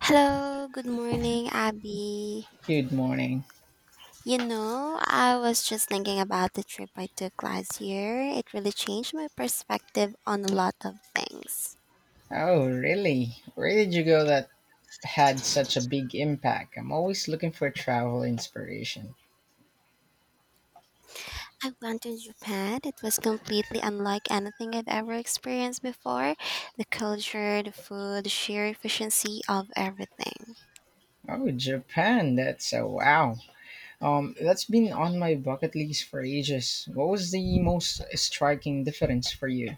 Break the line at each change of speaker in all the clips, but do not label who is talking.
Hello, good morning, Abby.
Good morning.
You know, I was just thinking about the trip I took last year. It really changed my perspective on a lot of things.
Oh, really? Where did you go that had such a big impact? I'm always looking for travel inspiration.
I went to Japan. It was completely unlike anything I've ever experienced before. The culture, the food, the sheer efficiency of everything.
Oh, Japan. That's a wow. That's been on my bucket list for ages. What was the most striking difference for you?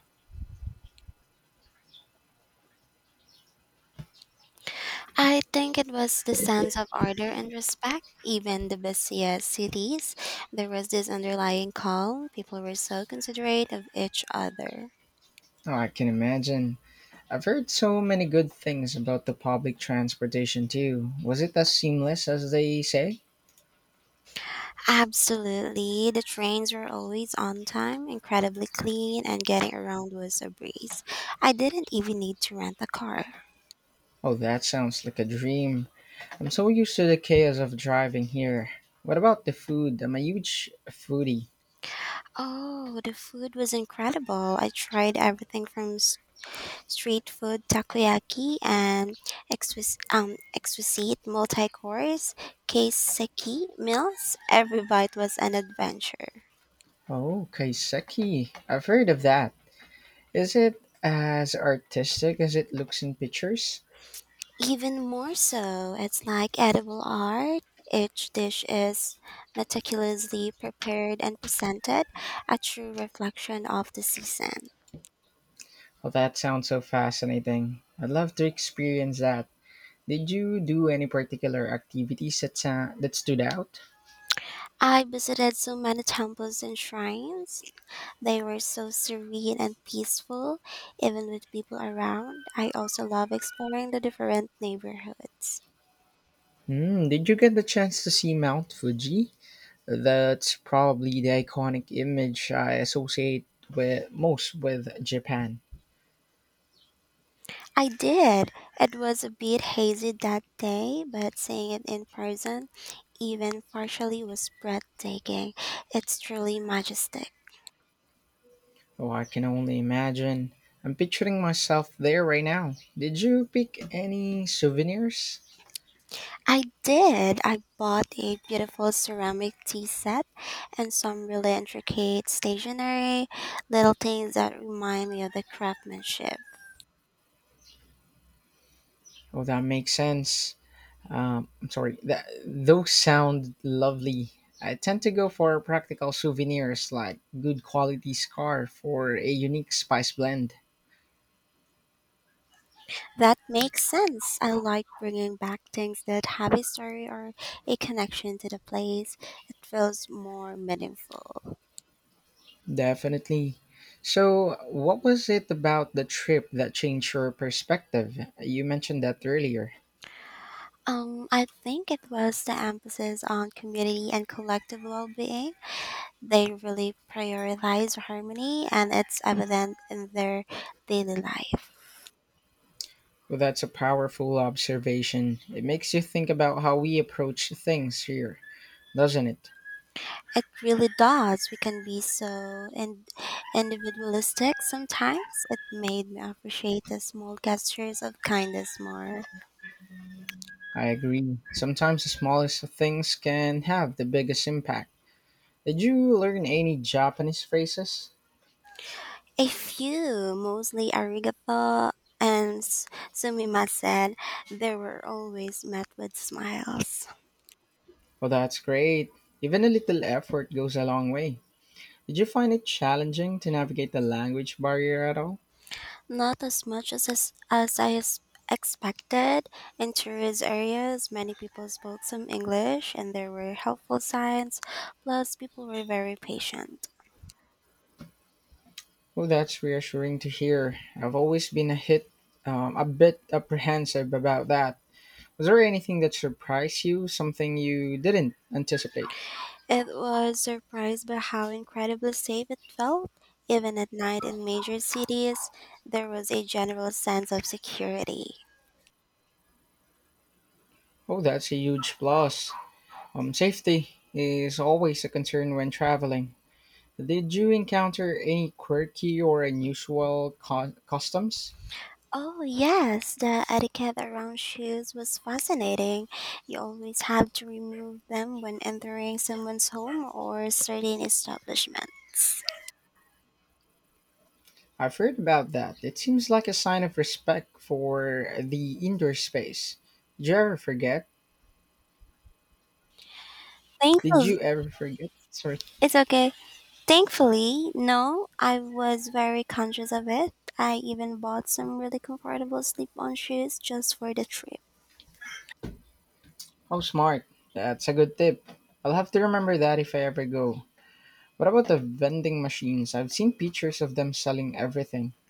I think it was the sense of order and respect, even the busiest cities. There was this underlying calm. People were so considerate of each other.
Oh, I can imagine. I've heard so many good things about the public transportation too. Was it as seamless as they say?
Absolutely. The trains were always on time, incredibly clean, and getting around was a breeze. I didn't even need to rent a car.
Oh, that sounds like a dream. I'm so used to the chaos of driving here. What about the food? I'm a huge foodie.
Oh, the food was incredible. I tried everything from street food takoyaki and exquisite multi-course, keiseki meals. Every bite was an adventure.
Oh, kaiseki. I've heard of that. Is it as artistic as it looks in pictures?
Even more so, it's like edible art. Each dish is meticulously prepared and presented, a true reflection of the season.
Oh, that sounds so fascinating. I'd love to experience that. Did you do any particular activities that stood out?
I visited so many temples and shrines. They were so serene and peaceful, even with people around. I also love exploring the different neighborhoods.
Hmm, did you get the chance to see Mount Fuji? That's probably the iconic image I associate with most with Japan.
I did. It was a bit hazy that day, but seeing it in person, even partially, was breathtaking. It's truly majestic.
Oh, I can only imagine. I'm picturing myself there right now. Did you pick any souvenirs?
I did. I bought a beautiful ceramic tea set and some really intricate stationery, little things that remind me of the craftsmanship.
Oh, that makes sense. I'm sorry. That those sound lovely. I tend to go for practical souvenirs like good quality scarf or a unique spice blend.
That makes sense. I like bringing back things that have a story or a connection to the place. It feels more meaningful.
Definitely. So, what was it about the trip that changed your perspective? You mentioned that earlier.
I think it was the emphasis on community and collective well being. They really prioritize harmony, and it's evident in their daily life.
Well, that's a powerful observation. It makes you think about how we approach things here, doesn't it?
It really does. We can be so individualistic sometimes. It made me appreciate the small gestures of kindness more.
I agree. Sometimes the smallest things can have the biggest impact. Did you learn any Japanese phrases?
A few, mostly arigato and sumimasen, they were always met with smiles.
Well, that's great. Even a little effort goes a long way. Did you find it challenging to navigate the language barrier at all?
Not as much as I expected. In tourist areas, many people spoke some English and there were helpful signs, plus people were very patient.
Well, that's reassuring to hear. I've always been a hit, a bit apprehensive about that. Was there anything that surprised you? Something you didn't anticipate?
It was surprised by how incredibly safe it felt. Even at night in major cities, there was a general sense of security.
Oh, that's a huge plus. Safety is always a concern when traveling. Did you encounter any quirky or unusual customs?
Oh, yes, the etiquette around shoes was fascinating. You always have to remove them when entering someone's home or certain establishments.
I've heard about that. It seems like a sign of respect for the indoor space. Did you ever forget? Did
Thankfully,
you ever forget? Sorry.
it's okay. Thankfully, no, I was very conscious of it. I even bought some really comfortable slip on shoes just for the trip.
Oh, smart. That's a good tip. I'll have to remember that if I ever go. What about the vending machines? I've seen pictures of them selling everything.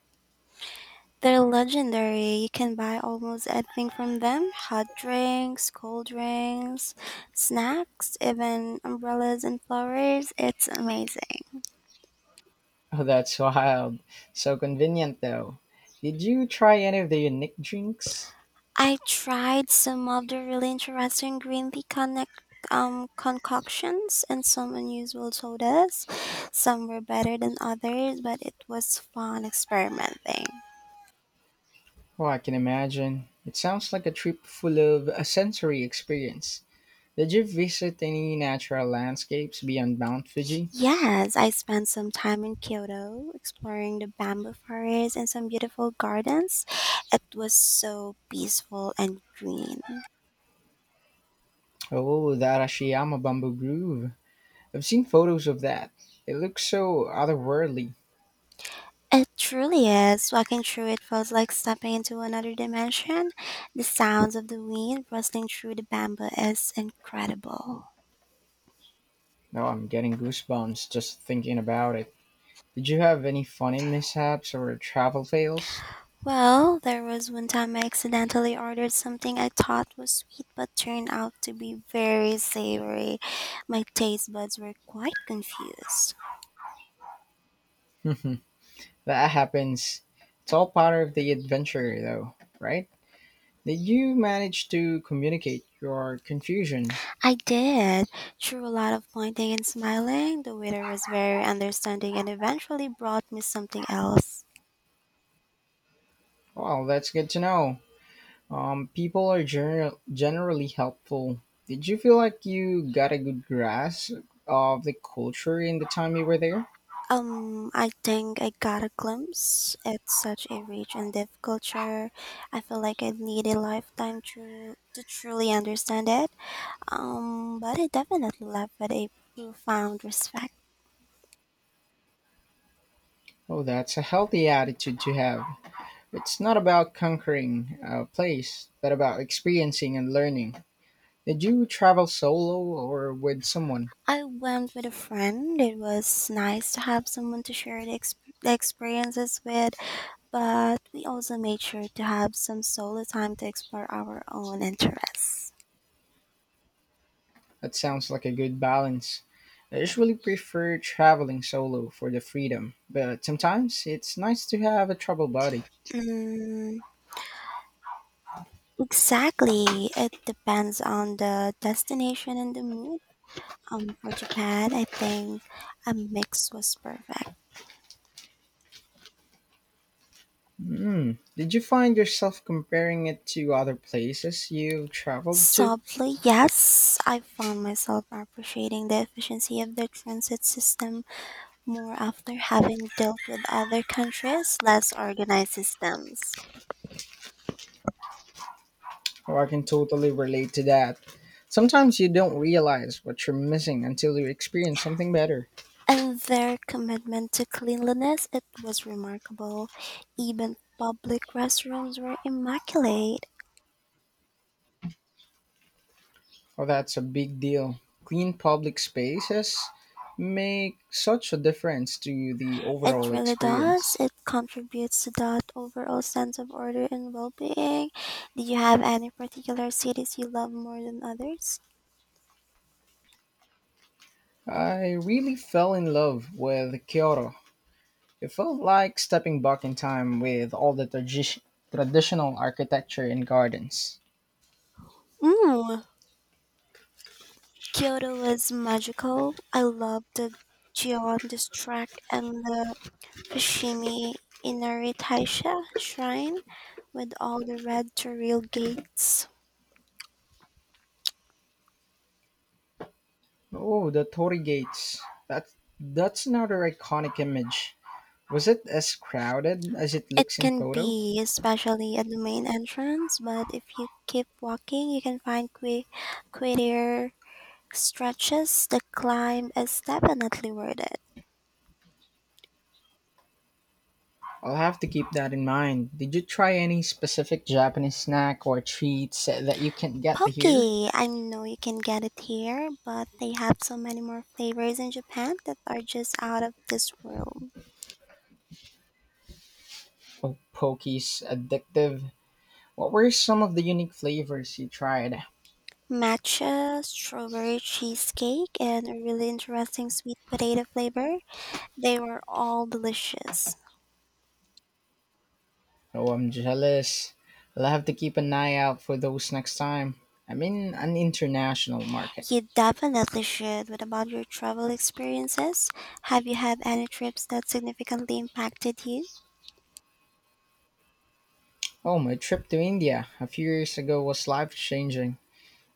They're legendary. You can buy almost anything from them hot drinks, cold drinks, snacks, even umbrellas and flowers. It's amazing.
Oh, that's wild. So convenient, though. Did you try any of the unique drinks?
I tried some of the really interesting green tea connect. Concoctions and some unusual sodas. Some were better than others, but it was fun experimenting.
Oh, I can imagine. It sounds like a trip full of a sensory experience. Did you visit any natural landscapes beyond Mount Fuji?
Yes, I spent some time in Kyoto exploring the bamboo forest and some beautiful gardens. It was so peaceful and green.
Oh, the Arashiyama Bamboo Grove. I've seen photos of that. It looks so otherworldly.
It truly is. Walking through it felt like stepping into another dimension. The sounds of the wind rustling through the bamboo is incredible.
Oh, I'm getting goosebumps just thinking about it. Did you have any funny mishaps or travel fails?
Well, there was one time I accidentally ordered something I thought was sweet but turned out to be very savory. My taste buds were quite confused.
That happens. It's all part of the adventure, though, right? Did you manage to communicate your confusion?
I did. Through a lot of pointing and smiling, the waiter was very understanding and eventually brought me something else.
Well, that's good to know. People are generally helpful. Did you feel like you got a good grasp of the culture in the time you were there?
I think I got a glimpse at such a rich and deep culture. I feel like I'd need a lifetime to truly understand it. But I definitely left with a profound respect.
Oh, that's a healthy attitude to have. It's not about conquering a place, but about experiencing and learning. Did you travel solo or with someone?
I went with a friend. It was nice to have someone to share the experiences with. But we also made sure to have some solo time to explore our own interests.
That sounds like a good balance. I usually prefer traveling solo for the freedom, but sometimes it's nice to have a travel buddy.
Mm, exactly. It depends on the destination and the mood. For Japan, I think a mix was perfect.
Hmm. Did you find yourself comparing it to other places you've traveled to?
Softly, yes, I found myself appreciating the efficiency of the transit system more after having dealt with other countries' less organized systems.
Oh, I can totally relate to that. Sometimes you don't realize what you're missing until you experience something better.
And their commitment to cleanliness, it was remarkable. Even public restrooms were immaculate.
Oh, that's a big deal. Clean public spaces make such a difference to the
It
overall
really does.
experience.
It contributes to that overall sense of order and well-being. Do you have any particular cities you love more than others?
I really fell in love with Kyoto. It felt like stepping back in time with all the traditional architecture and gardens.
Mm, Kyoto was magical. I loved the Gion district and the Fushimi Inari Taisha shrine with all the red terrail gates.
Oh, the Torii gates. That that's another iconic image. Was it as crowded as it
It
looks in
can
photo?
be, especially at the main entrance, but if you keep walking, you can find quieter stretches. The climb is definitely worth it.
I'll have to keep that in mind. Did you try any specific Japanese snack or treats that you can't get
Poke!
here?
I know you can get it here, but they have so many more flavors in Japan that are just out of this world.
Oh, pokey's addictive. What were some of the unique flavors you tried?
Matcha, strawberry cheesecake, and a really interesting sweet potato flavor. They were all delicious.
Oh, I'm jealous. I'll have to keep an eye out for those next time. I'm in an international market.
You definitely should. What about your travel experiences? Have you had any trips that significantly impacted you?
Oh, my trip to India a few years ago was life changing.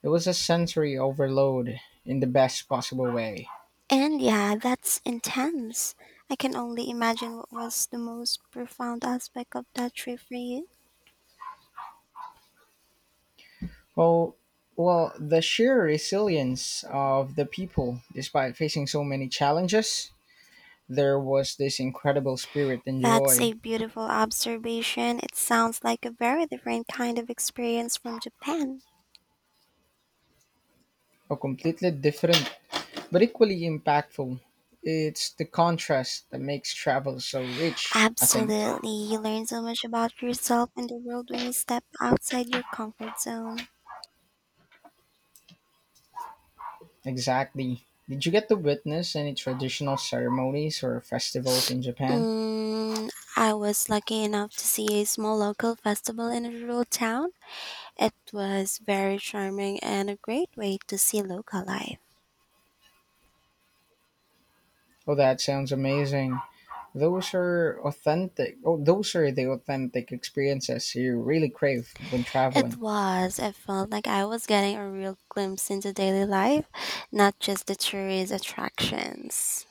It was a sensory overload in the best possible way.
And yeah, that's intense. I can only imagine what was the most profound aspect of that trip for you.
Well, well, the sheer resilience of the people, despite facing so many challenges, there was this incredible spirit and
That's a
joy,
beautiful observation. It sounds like a very different kind of experience from Japan.
a completely different but equally impactful. It's the contrast that makes travel so rich, I think.
Absolutely. You learn so much about yourself and the world when you step outside your comfort zone.
Exactly. Did you get to witness any traditional ceremonies or festivals in Japan?
Mm, I was lucky enough to see a small local festival in a rural town. It was very charming and a great way to see local life.
Oh, that sounds amazing. Those are authentic. Oh, those are the authentic experiences you really crave when
It
traveling.
was. It felt like I was getting a real glimpse into daily life, not just the tourist attractions.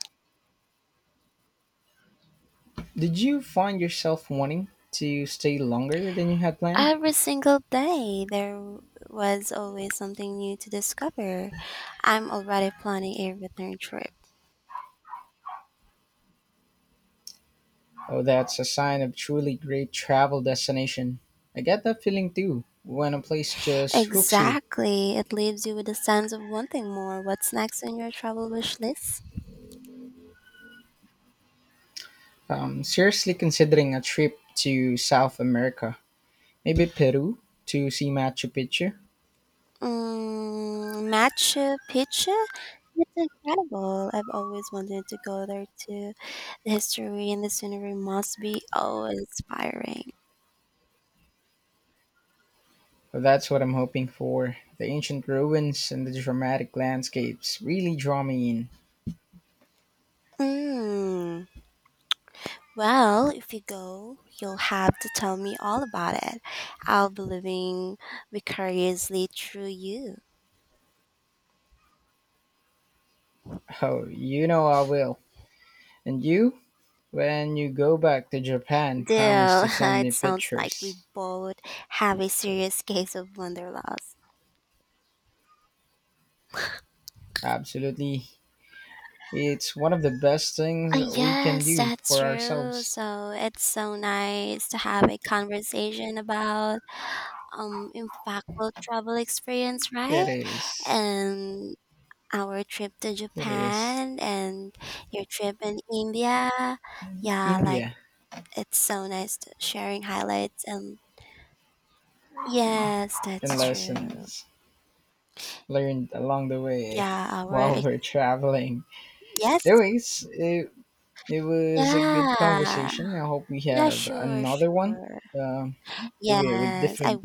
Did you find yourself wanting to stay longer than you had planned?
Every single day, there was always something new to discover. I'm already planning a return trip.
Oh, that's a sign of truly great travel destination. I get that feeling too when a place just hooks you.
Exactly. It leaves you with a sense of wanting more. What's next on your travel wish list?
I'm seriously considering a trip to South America, maybe Peru to see Machu Picchu.
Mm, Machu Picchu? It's incredible. I've always wanted to go there too. The history and the scenery must be oh inspiring.
Oh, that's what I'm hoping for. The ancient ruins and the dramatic landscapes really draw me in.
Mm. Well, if you go, you'll have to tell me all about it. I'll be living vicariously through you.
Oh, you know I will. And you, when you go back to Japan, promise
Deal.
to send
It
me
sounds like we
pictures.
both have a serious case of wanderlust.
Absolutely. It's one of the best things
Uh,
we can
yes,
do
that's
for
true.
ourselves.
So it's so nice to have a conversation about impactful travel experience, right?
It is.
And our trip to
It is.
Japan and your trip in India. Yeah, like
India
it's so nice to sharing highlights and yes, that's
and
true.
lessons learned along the way
Yeah, our
while we're traveling.
yes,
Anyways, it was a good
yeah.
conversation. I hope we
Yeah,
have
sure,
another one,
sure.
um, maybe with
Yes, I
different